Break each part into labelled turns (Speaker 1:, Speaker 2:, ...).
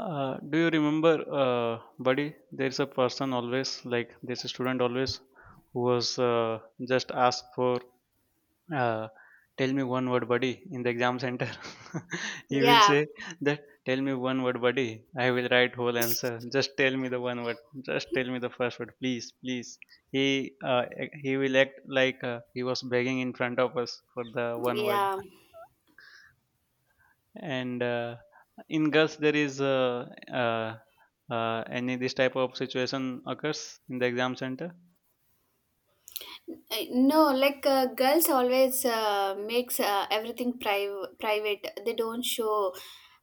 Speaker 1: Do you remember, uh, buddy? There's a person always, like there's a student always, who was just asked for, uh, tell me one word, buddy, in the exam center. He will
Speaker 2: yeah
Speaker 1: say that, tell me one word, buddy. I will write whole answer. Just tell me the one word. Just tell me the first word, please, please. He uh, he will act like he was begging in front of us for the one word
Speaker 2: yeah
Speaker 1: and in girls there is uh, any this type of situation occurs in the exam center.
Speaker 2: Uh, no, like girls always makes everything private. They don't show.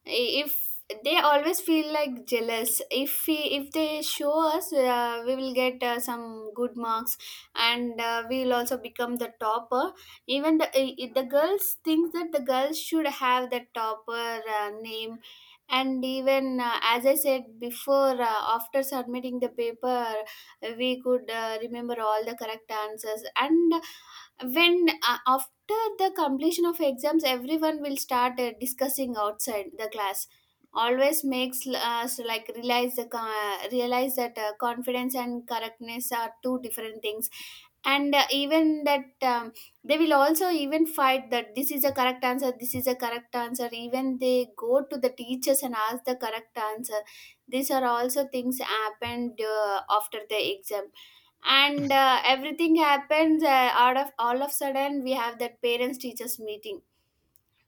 Speaker 2: If they always feel like jealous, if we, if they show us, we will get some good marks, and we will also become the topper. Even the girls think that the girls should have the topper name. And even as I said before, after submitting the paper, we could remember all the correct answers. And when, after the completion of exams, everyone will start discussing outside the class, always makes us like realize the realize that, confidence and correctness are two different things. And even that, they will also even fight that this is a correct answer, this is a correct answer. Even they go to the teachers and ask the correct answer. These are also things happened after the exam. And everything happens, out of all of sudden, we have that parents teachers meeting,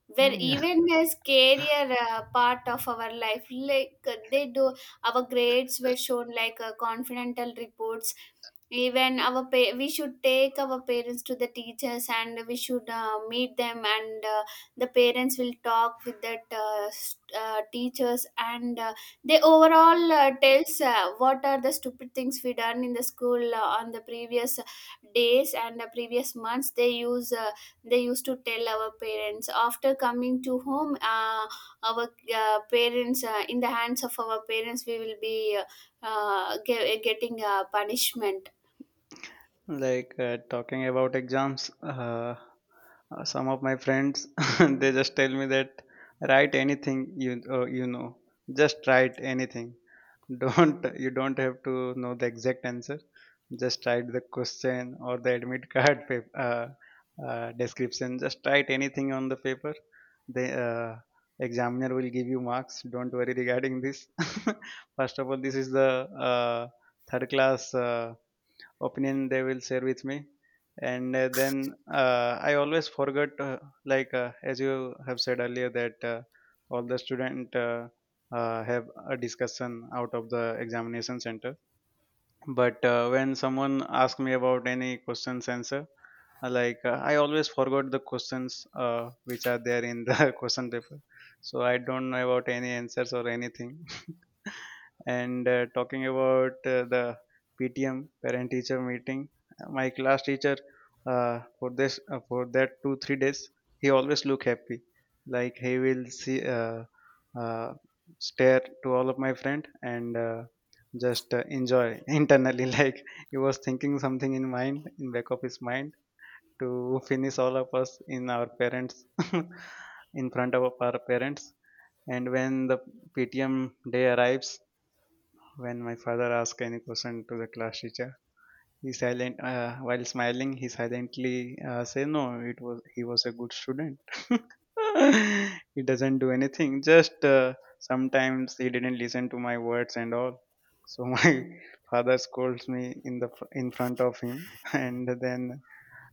Speaker 2: where
Speaker 1: Yeah.
Speaker 2: even as career part of our life, like they do our grades were shown like confidential reports. Even our we should take our parents to the teachers, and we should meet them, and the parents will talk with that teachers, and they overall tells what are the stupid things we done in the school on the previous days and the previous months. They use they used to tell our parents after coming to home. Our parents, in the hands of our parents, we will be getting a punishment.
Speaker 1: Like talking about exams, some of my friends they just tell me that write anything you you know, just write anything. Don't you don't have to know the exact answer. Just write the question or the admit card paper description. Just write anything on the paper. The examiner will give you marks. Don't worry regarding this. First of all, this is the uh, third class. Opinion they will share with me and then I always forget. As you have said earlier that all the student have a discussion out of the examination center, but when someone asks me about any questions answer I always forgot the questions which are there in the question paper, so I don't know about any answers or anything. And talking about the PTM, parent teacher meeting, my class teacher, for this for that 2 3 days he always look happy, like he will see uh, stare to all of my friend and just enjoy internally, like he was thinking something in mind, in back of his mind, to finish all of us in our parents in front of our parents. And when the PTM day arrives, when my father asks any question to the class teacher, he silent while smiling. He silently say, "No, it was he was a good student. He doesn't do anything. Just sometimes he didn't listen to my words and all. So my father scolds me in the in front of him," and then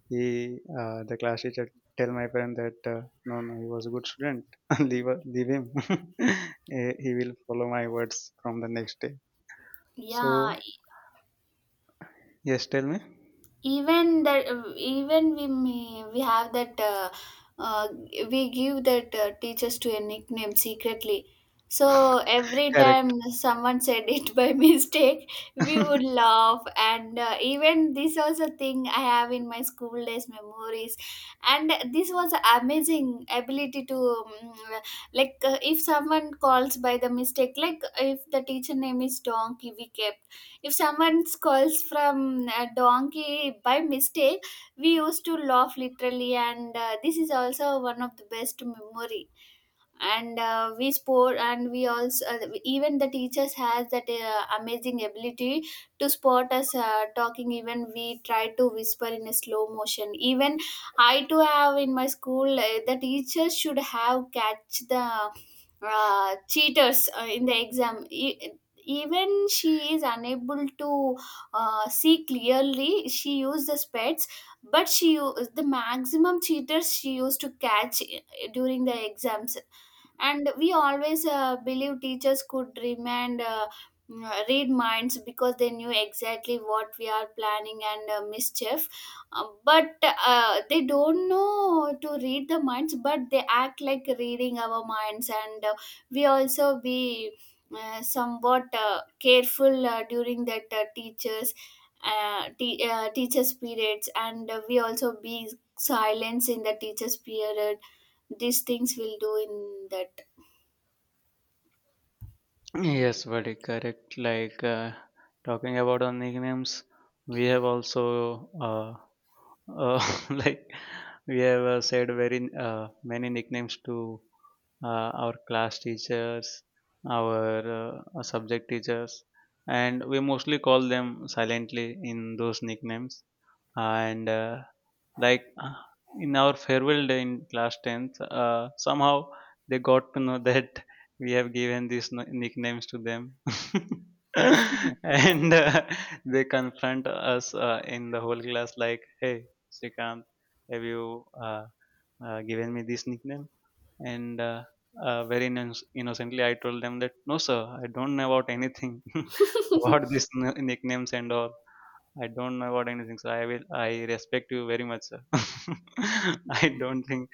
Speaker 1: he the class teacher tell my parent that no, no, he was a good student. Leave him. He will follow my words from the next day.
Speaker 2: Yeah.
Speaker 1: So. Yes, tell me.
Speaker 2: Even that, even we may, we have that uh, we give that teachers to a nickname secretly, so every
Speaker 1: Correct.
Speaker 2: time someone said it by mistake, we would laugh. And even this was a thing I have in my school days memories. And this was amazing ability to, like if someone calls by the mistake, like if the teacher name is donkey, we kept, if someone calls from a donkey by mistake, we used to laugh literally. And this is also one of the best memory. And we sport, and we also, even the teachers has that amazing ability to spot us talking, even we try to whisper in a slow motion. Even I too have in my school, the teachers should have catch the cheaters in the exam. Even she is unable to see clearly, she used the speds, but she the maximum cheaters she used to catch during the exams. And we always believe teachers could remand, read minds, because they knew exactly what we are planning and mischief. But they don't know to read the minds, but they act like reading our minds. And we also be somewhat careful during that teachers, teachers periods. And we also be silence in the teachers period. These things we'll do in that.
Speaker 1: Yes, buddy, correct. Like talking about our nicknames, we have also uh, like we have said very many nicknames to our class teachers, our subject teachers, and we mostly call them silently in those nicknames. And like uh, in our farewell day in class 10th, somehow they got to know that we have given these nicknames to them, and they confront us in the whole class like, "Hey, Srikant, have you given me this nickname?" And very innocently I told them that, "No sir, I don't know about anything about these nicknames and all. I don't know about anything, sir. I will. I respect you very much, sir. I don't think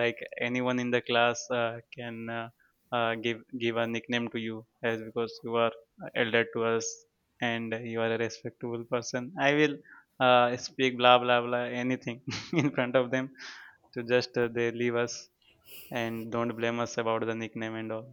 Speaker 1: like anyone in the class can give a nickname to you, as because you are elder to us and you are a respectable person. I will speak blah blah blah anything" in front of them to just they leave us and don't blame us about the nickname and all.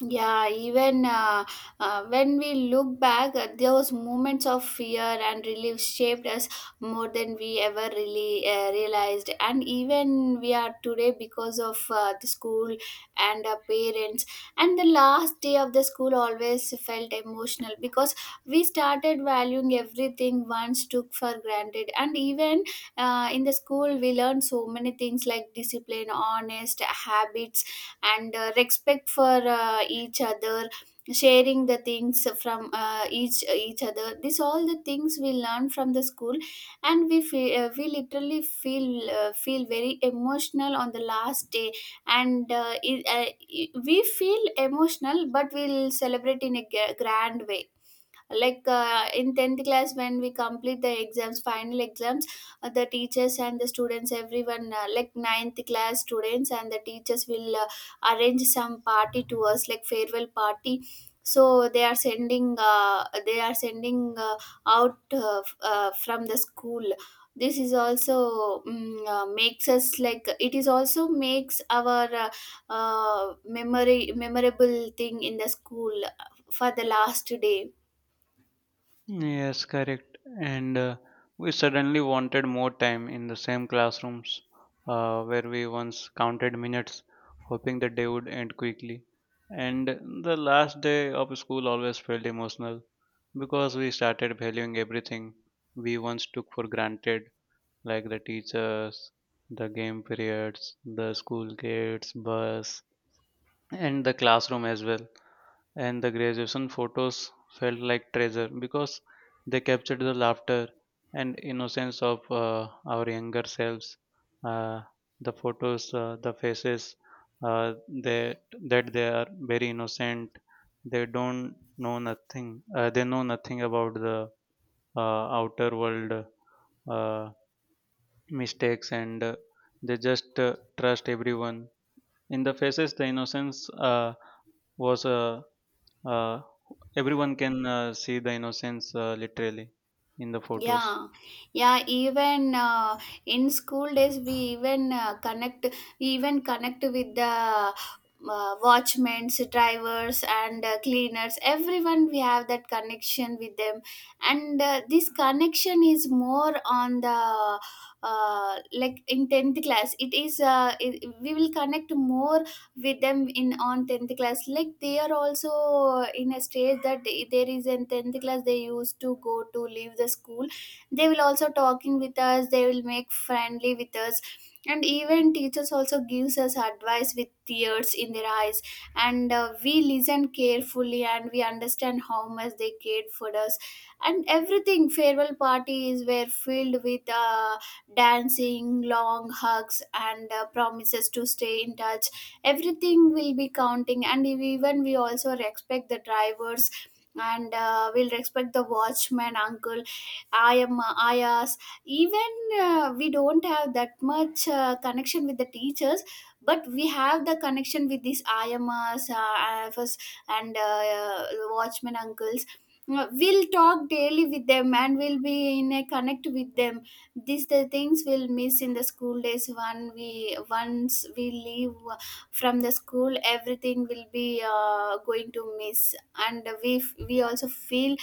Speaker 2: Yeah. Even when we look back, those moments of fear and relief shaped us more than we ever really realized. And even we are today because of the school and our parents. And the last day of the school always felt emotional, because we started valuing everything once took for granted. And even in the school, we learned so many things like discipline, honest habits, and respect for each other, sharing the things from each other. This all the things we learn from the school. And we feel, we literally feel, feel very emotional on the last day. And we feel emotional, but we'll celebrate in a grand way. Like in 10th class, when we complete the exams, final exams, the teachers and the students, everyone, like ninth class students and the teachers, will arrange some party to us like farewell party. So they are sending, they are sending out f- from the school. This is also, makes us like, it is also makes our memory memorable thing in the school for the last day.
Speaker 1: Yes, correct. And we suddenly wanted more time in the same classrooms, where we once counted minutes, hoping the day would end quickly. And the last day of school always felt emotional because we started valuing everything we once took for granted, like the teachers, the game periods, the school gates, bus, and the classroom as well, and the graduation photos felt like treasure because they captured the laughter and innocence of our younger selves. Uh, the photos, the faces, uh, they, that they are very innocent. They don't know nothing. They know nothing about the outer world, uh, mistakes, and they just trust everyone. In the faces, the innocence was uh, everyone can see the innocence literally in the photos.
Speaker 2: Yeah, yeah. Even in school days, we even we even connect with the watchmen, drivers, and cleaners. Everyone, we have that connection with them. And this connection is more on the like in tenth class. It is, we will connect more with them in on tenth class. Like they are also in a stage that they, there is in tenth class they used to go to leave the school. They will also talking with us, they will make friendly with us. And even teachers also gives us advice with tears in their eyes. And we listen carefully and we understand how much they cared for us. And everything, farewell parties were filled with dancing, long hugs, and promises to stay in touch. Everything will be counting. And even we also respect the drivers, and we'll respect the watchman uncle, ayam ayas. Even we don't have that much connection with the teachers, but we have the connection with these ayamas IFS and watchman uncles. We'll talk daily with them, and we'll be in a connect with them. These the things we'll miss in the school days. When we once we leave from the school, everything will be going to miss. And we we also feel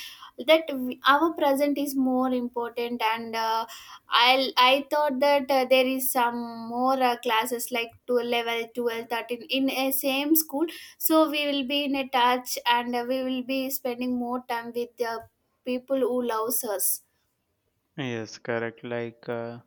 Speaker 2: that we, our present is more important. And I thought that there is some more classes like to level 12, 13 in a same school, so we will be in a touch. And we will be spending more time with the people who loves us.
Speaker 1: Yes, correct. Like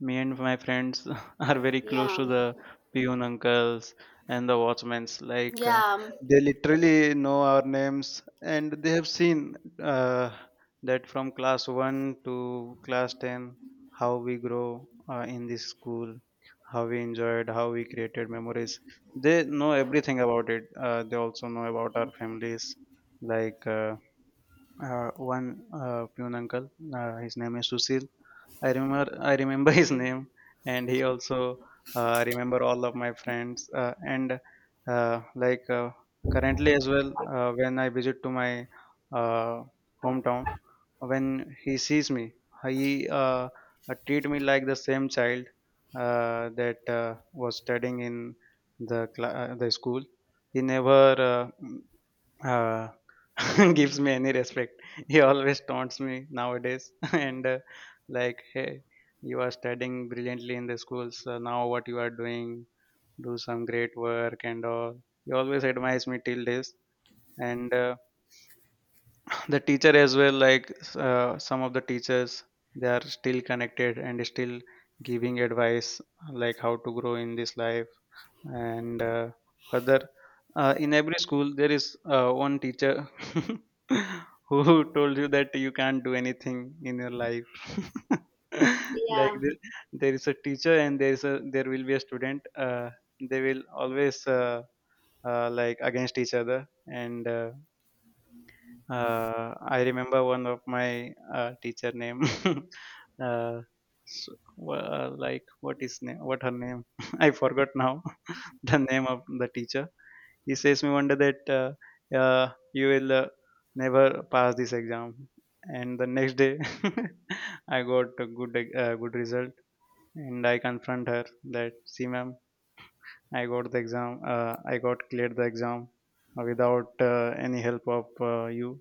Speaker 1: me and my friends are very close
Speaker 2: yeah
Speaker 1: to the peon uncles and the watchmen's. Like
Speaker 2: yeah
Speaker 1: they literally know our names, and they have seen uh, that from class one to class ten how we grow in this school, how we enjoyed, how we created memories. They know everything about it. They also know about our families. Like one peon uncle, his name is Susil. I remember his name, and he also remember all of my friends. And uh, like uh, currently as well, when I visit to my uh, hometown, when he sees me, he treat me like the same child that was studying in the the school. He never uh, gives me any respect. He always taunts me nowadays, and like, "Hey, you are studying brilliantly in the schools. So now what you are doing? Do some great work and all." He always admires me till this, and the teacher as well. Like some of the teachers, they are still connected and still giving advice like how to grow in this life. And further, in every school there is one teacher who told you that you can't do anything in your life. Like
Speaker 2: yeah
Speaker 1: there is a teacher and there is a there will be a student they will always like against each other. And I remember one of my teacher name. uh, s- like what is name, what her name, I forgot now the name of the teacher. He says me one day that you will never pass this exam. And the next day, I got a good good result, and I confront her that, "See, ma'am, I got the exam. I got cleared the exam without any help of you,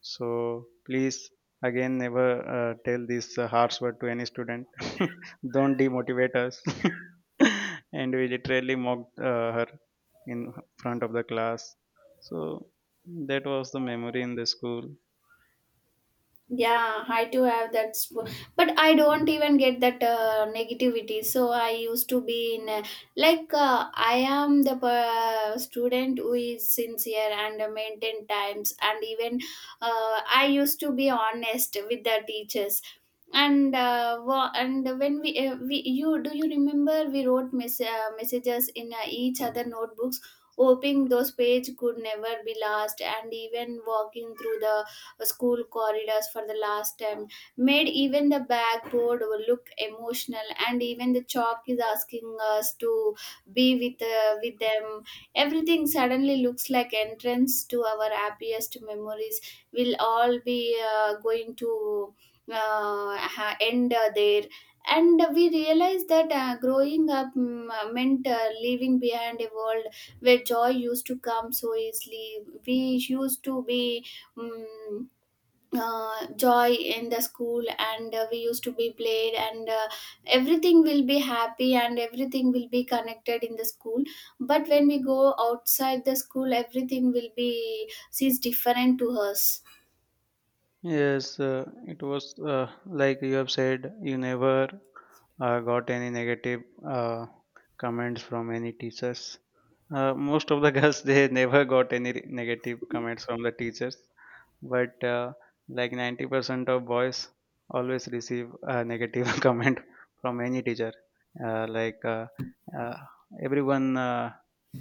Speaker 1: so please again never tell this harsh word to any student. Don't demotivate us." And we literally mocked her in front of the class. So that was the memory in the school.
Speaker 2: Yeah, I too have that, but I don't even get that negativity. So I used to be in, like I am the student who is sincere and maintain times. And even I used to be honest with the teachers. And and when we you do you remember we wrote messages in each other notebooks, hoping those page could never be lost. And even walking through the school corridors for the last time made even the backboard look emotional, and even the chalk is asking us to be with, with them. Everything suddenly looks like entrance to our happiest memories. We'll all be going to end there. And we realized that growing up, meant leaving behind a world where joy used to come so easily. We used to be, mm joy in the school. And we used to be played. And everything will be happy, and everything will be connected in the school. But when we go outside the school, everything will be sees different to us.
Speaker 1: Yes, it was like you have said, you never got any negative uh, comments from any teachers. Most of the girls they never got any negative comments from the teachers, but like 90% of boys always receive a negative comment from any teacher. Uh, like uh, uh, Everyone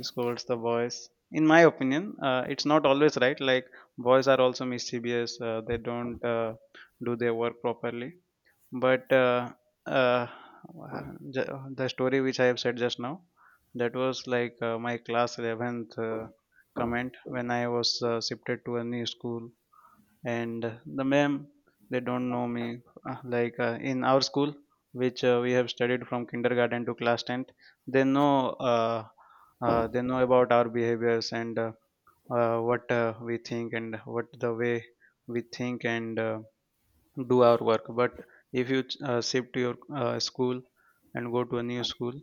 Speaker 1: scolds the boys. In my opinion, it's not always right. Like boys are also mischievous. They don't do their work properly. But uh, the story which I have said just now, that was like my class 11th comment when I was shifted to a new school, and the ma'am they don't know me. In our school, which we have studied from kindergarten to class 10th, they know uh, they know about our behaviors and what we think and what the way we think and do our work. But if you shift to your school and go to a new school,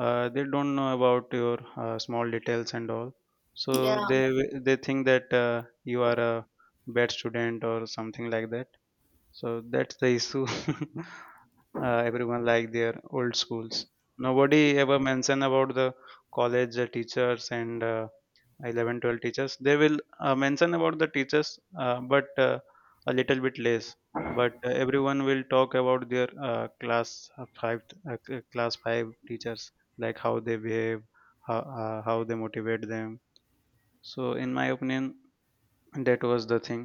Speaker 1: they don't know about your small details and all, so
Speaker 2: Yeah.
Speaker 1: they think that you are a bad student or something like that. So that's the issue. Everyone like their old schools. Nobody ever mention about the college teachers and 11, 12 teachers they will mention about the teachers but a little bit less. But everyone will talk about their class class 5 teachers, like how they behave, how they motivate them. So in my opinion that was the thing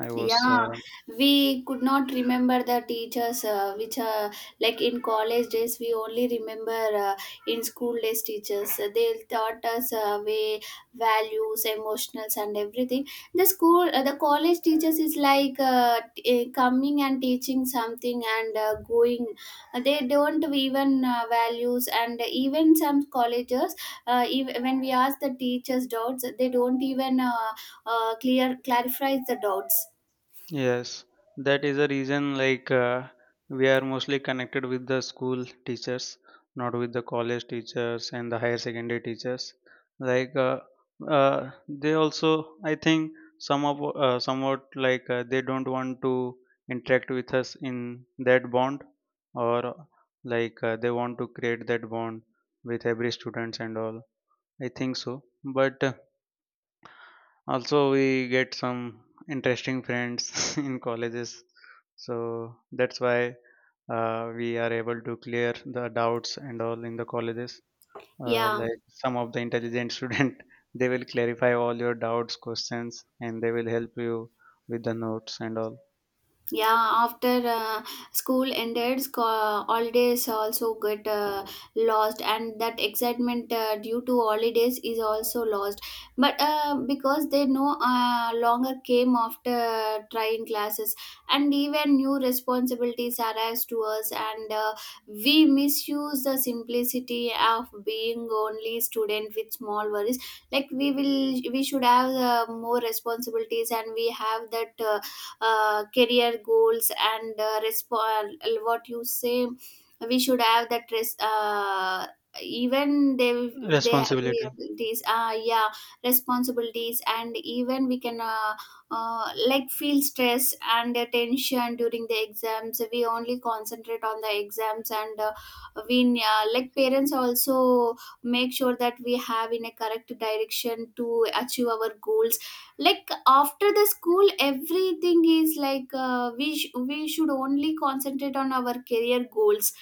Speaker 1: I was
Speaker 2: Yeah, we could not remember the teachers, which are, like in college days, we only remember uh, in school days teachers. They taught us way values, emotionals, and everything. The school, the college teachers is like coming and teaching something and going. They don't even values. And even some colleges, ev when we ask the teachers doubts, they don't even clear clarifies the doubts.
Speaker 1: Yes, that is the reason like we are mostly connected with the school teachers, not with the college teachers and the higher secondary teachers. Like they also, I think some of somewhat like they don't want to interact with us in that bond, or like they want to create that bond with every students and all. I think so, but. Also, we get some interesting friends in colleges. So that's why we are able to clear the doubts and all in the colleges.
Speaker 2: Yeah,
Speaker 1: Like some of the intelligent student, they will clarify all your doubts, questions, and they will help you with the notes and all.
Speaker 2: yeah. After school ended, holidays also get lost, and that excitement due to holidays is also lost. But because they no longer came after trying classes, and even new responsibilities arise to us. And we misuse the simplicity of being only student with small worries. Like we will, we should have more responsibilities, and we have that. Career goals and what you say, we should have that even they have
Speaker 1: Responsibility.
Speaker 2: these yeah, responsibilities. And even we can like feel stress and tension during the exams. We only concentrate on the exams, and we like parents also make sure that we have in a correct direction to achieve our goals. Like after the school, everything is like we should only concentrate on our career goals.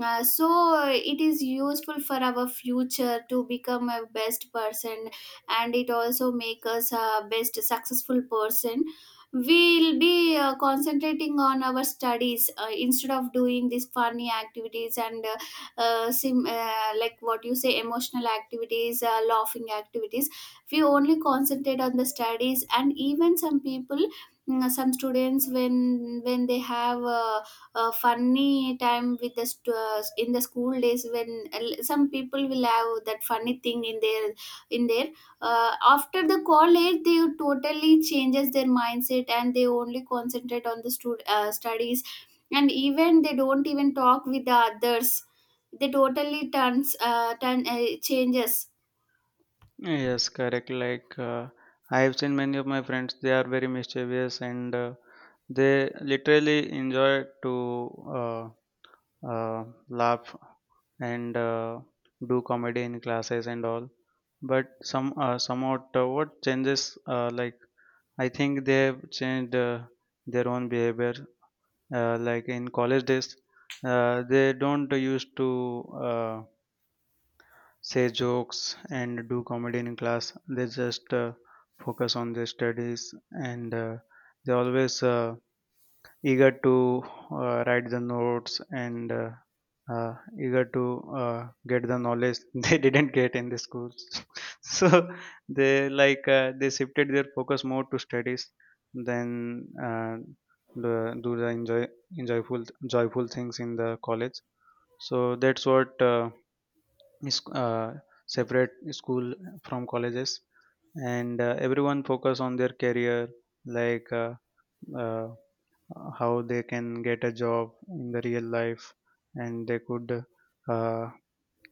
Speaker 2: So it is useful for our future to become a best person, and it also make us a best successful person. We'll be concentrating on our studies, instead of doing these funny activities, and like what you say, emotional activities, laughing activities. We only concentrate on the studies. And even some people, some students, when when they have a funny time with the in the school days, when some people will have that funny thing in their, in their, after the college, they totally changes their mindset and they only concentrate on the studies. And even they don't even talk with the others. They totally turns turn changes.
Speaker 1: Yes, correct. I have seen many of my friends, they are very mischievous and they literally enjoy to laugh and do comedy in classes and all, but somewhat, what changes, I think they've changed their own behavior, like in college days, they don't used to uh, say jokes and do comedy in class. They just focus on their studies, and they always eager to write the notes, and uh, eager to get the knowledge they didn't get in the schools. So they they shifted their focus more to studies than the, do the enjoy enjoyful, joyful things in the college. So that's what is separate school from colleges, and everyone focus on their career, like uh, how they can get a job in the real life, and they could uh,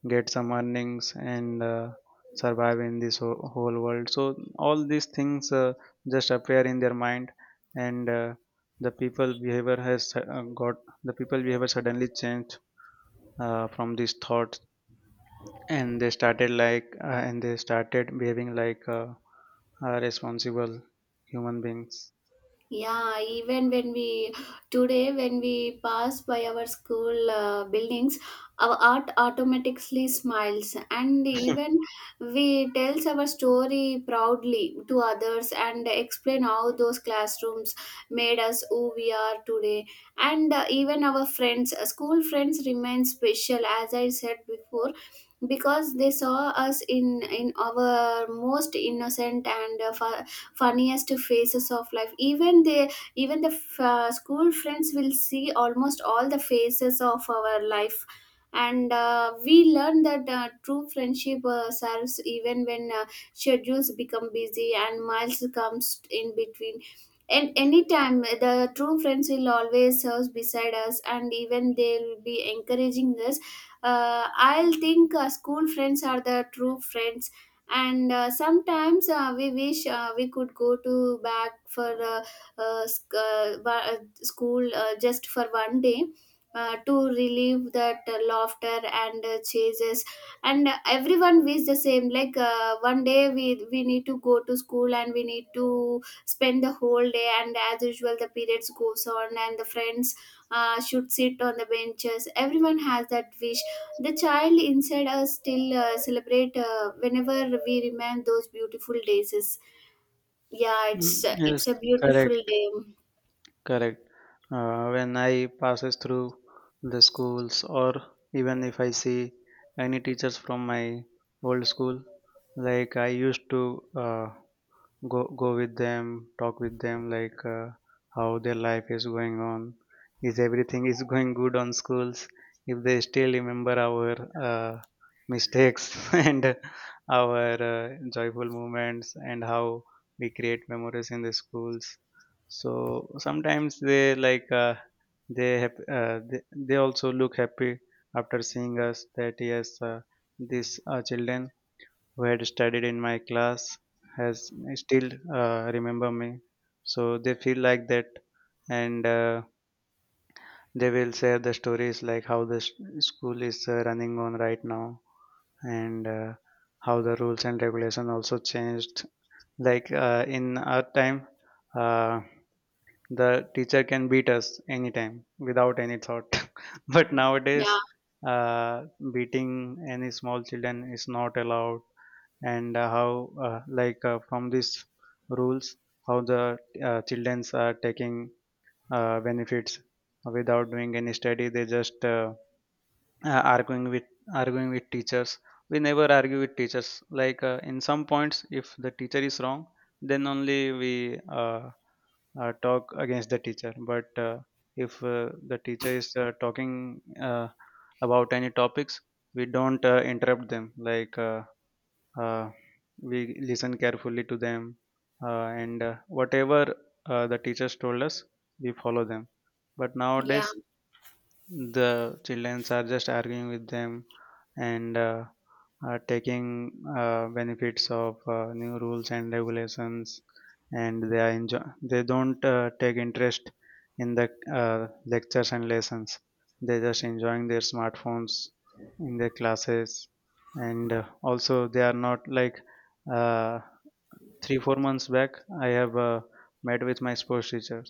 Speaker 1: get some earnings, and survive in this whole world. So all these things just appear in their mind, and the people behavior suddenly changed from these thoughts, and they started behaving like responsible human beings.
Speaker 2: Yeah, even when we, today when we pass by our school buildings, our art automatically smiles. And even we tells our story proudly to others and explain how those classrooms made us who we are today. And even our friends, school friends, remain special, as I said before, because they saw us in our most innocent and funniest phases of life. Even they, even the school friends will see almost all the phases of our life. And we learn that true friendship serves even when schedules become busy and miles comes in between. And anytime, the true friends will always serve beside us, and even they'll be encouraging us. I'll think school friends are the true friends. And sometimes we wish we could go to back for school, just for one day, to relieve that laughter and chases. And everyone wishes the same, like one day we need to go to school and we need to spend the whole day, and as usual the periods goes on and the friends should sit on the benches. Everyone has that wish. The child inside us still celebrate whenever we remember those beautiful days. Is Yeah,
Speaker 1: Mm, yes,
Speaker 2: it's a beautiful
Speaker 1: correct.
Speaker 2: day.
Speaker 1: Correct. When I passes through the schools, or even if I see any teachers from my old school, like I used to uh, go with them, talk with them, how their life is going on, is everything is going good on schools, if they still remember our uh, mistakes and our joyful moments, and how we create memories in the schools. So sometimes they like they have they also look happy after seeing us, that yes, these children who had studied in my class has still remember me. So they feel like that, and they will share the stories like how school is running on right now, and how the rules and regulation also changed. Like in our time, uh, the teacher can beat us anytime without any thought, but
Speaker 2: Yeah,
Speaker 1: nowadays, uh, beating any small children is not allowed. And uh, how uh, like uh, from these rules, how the childrens are taking benefits without doing any study. They just uh, arguing with arguing with teachers. We never argue with teachers, in some points if the teacher is wrong, then only we talk against the teacher. But if the teacher is talking about any topics, we don't interrupt them. Uh, we listen carefully to them, and whatever the teachers told us, we follow them. But
Speaker 2: yeah,
Speaker 1: nowadays the childrens are just arguing with them, and are taking benefits of new rules and regulations, and they are they don't take interest in the lectures and lessons. They just enjoying their smartphones in their classes. And also they are not like, uh, 3 4 months back I have met with my sports teacher,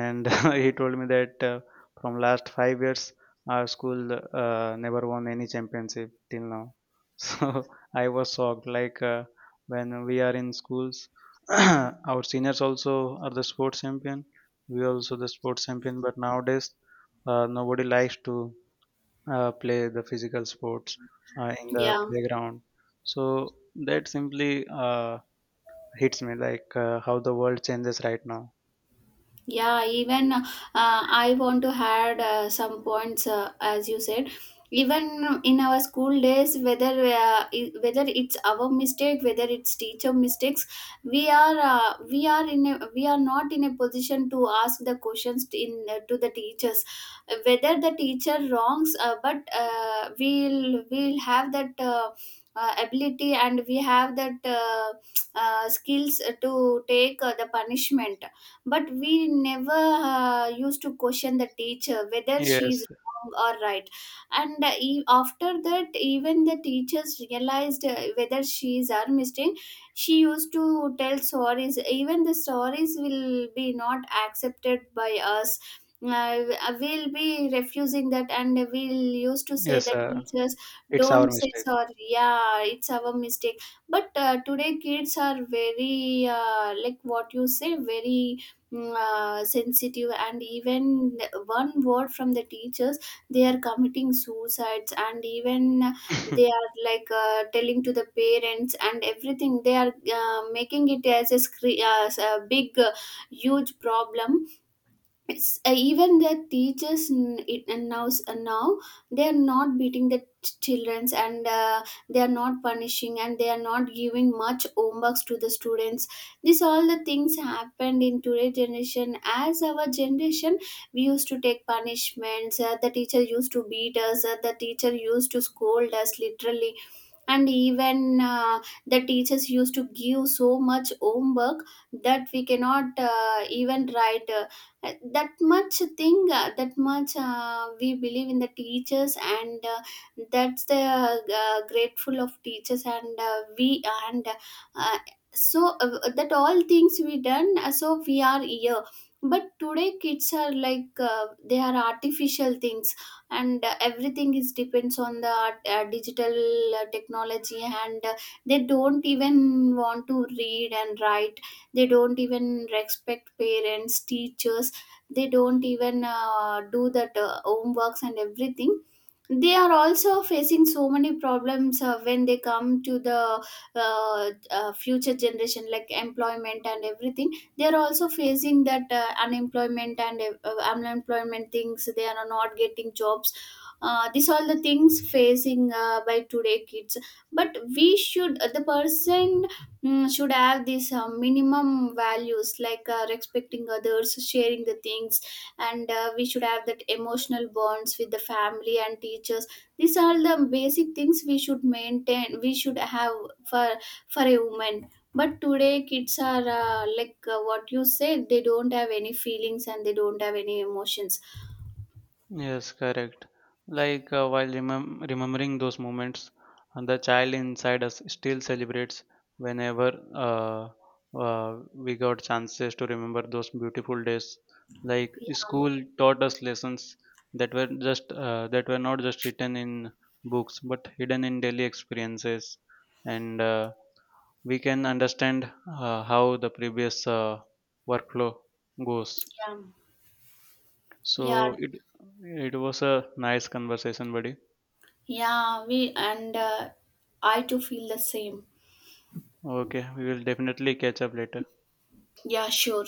Speaker 1: and he told me that from last 5 years our school never won any championship till now. So I was shocked, when we are in schools, our seniors also are the sports champion, we also the sports champion, but nowadays nobody likes to play the physical sports in the
Speaker 2: yeah.
Speaker 1: playground. So that simply uh, hits me, how the world changes right now.
Speaker 2: Yeah, even I want to add some points as you said. Even in our school days, whether whether it's our mistake, whether it's teacher mistakes, we are we are not in a position to ask the questions to- in to the teachers. Whether the teacher wrongs, but we'll have that ability, and we have that skills to take the punishment. But we never used to question the teacher whether she is
Speaker 1: Yes,
Speaker 2: wrong or right. And after that, even the teachers realized whether she is our mistake, she used to tell stories. Even the stories will be not accepted by us. uh, we'll be refusing that, and we'll used to say
Speaker 1: yes,
Speaker 2: that, teachers
Speaker 1: it's
Speaker 2: don't
Speaker 1: our
Speaker 2: say
Speaker 1: mistake.
Speaker 2: sorry, yeah, it's our mistake. But today kids are very like what you say, very sensitive. And even one word from the teachers, they are committing suicides. And even they are like telling to the parents and everything. They are making it as as a big huge problem. It's even their teachers and now, they are not beating the childrens, and they are not punishing, and they are not giving much homeworks to the students. This all the things happened in today's generation. As our generation, we used to take punishments. The teacher used to beat us. The teacher used to scold us literally. And even the teachers used to give so much homework that we cannot even write that much thing, that much we believe in the teachers. And that's the grateful of teachers. And we and uh, so that all things we done, so we are here. But today kids are like they are artificial things, and everything is depends on the digital technology. And they don't even want to read and write. They don't even respect parents, teachers. They don't even do that homeworks and everything. They are also facing so many problems when they come to the future generation, like employment and everything. They are also facing that unemployment, and unemployment things, they are not getting jobs. These all the things facing by today kids. But we should the person, should have these minimum values, like respecting others, sharing the things. And we should have that emotional bonds with the family and teachers. These are the basic things we should maintain, we should have, for for a woman. But today kids are like what you said, they don't have any feelings and they don't have any emotions.
Speaker 1: Yes, correct. While remembering those moments, the child inside us still celebrates whenever we got chances to remember those beautiful days. Like
Speaker 2: Yeah.
Speaker 1: school taught us lessons that were just that were not just written in books, but hidden in daily experiences, and we can understand how the previous workflow goes.
Speaker 2: Yeah, yeah.
Speaker 1: So it was a nice conversation, buddy.
Speaker 2: Yeah, we and I too feel the same.
Speaker 1: Okay, we will definitely catch up later.
Speaker 2: Yeah, sure.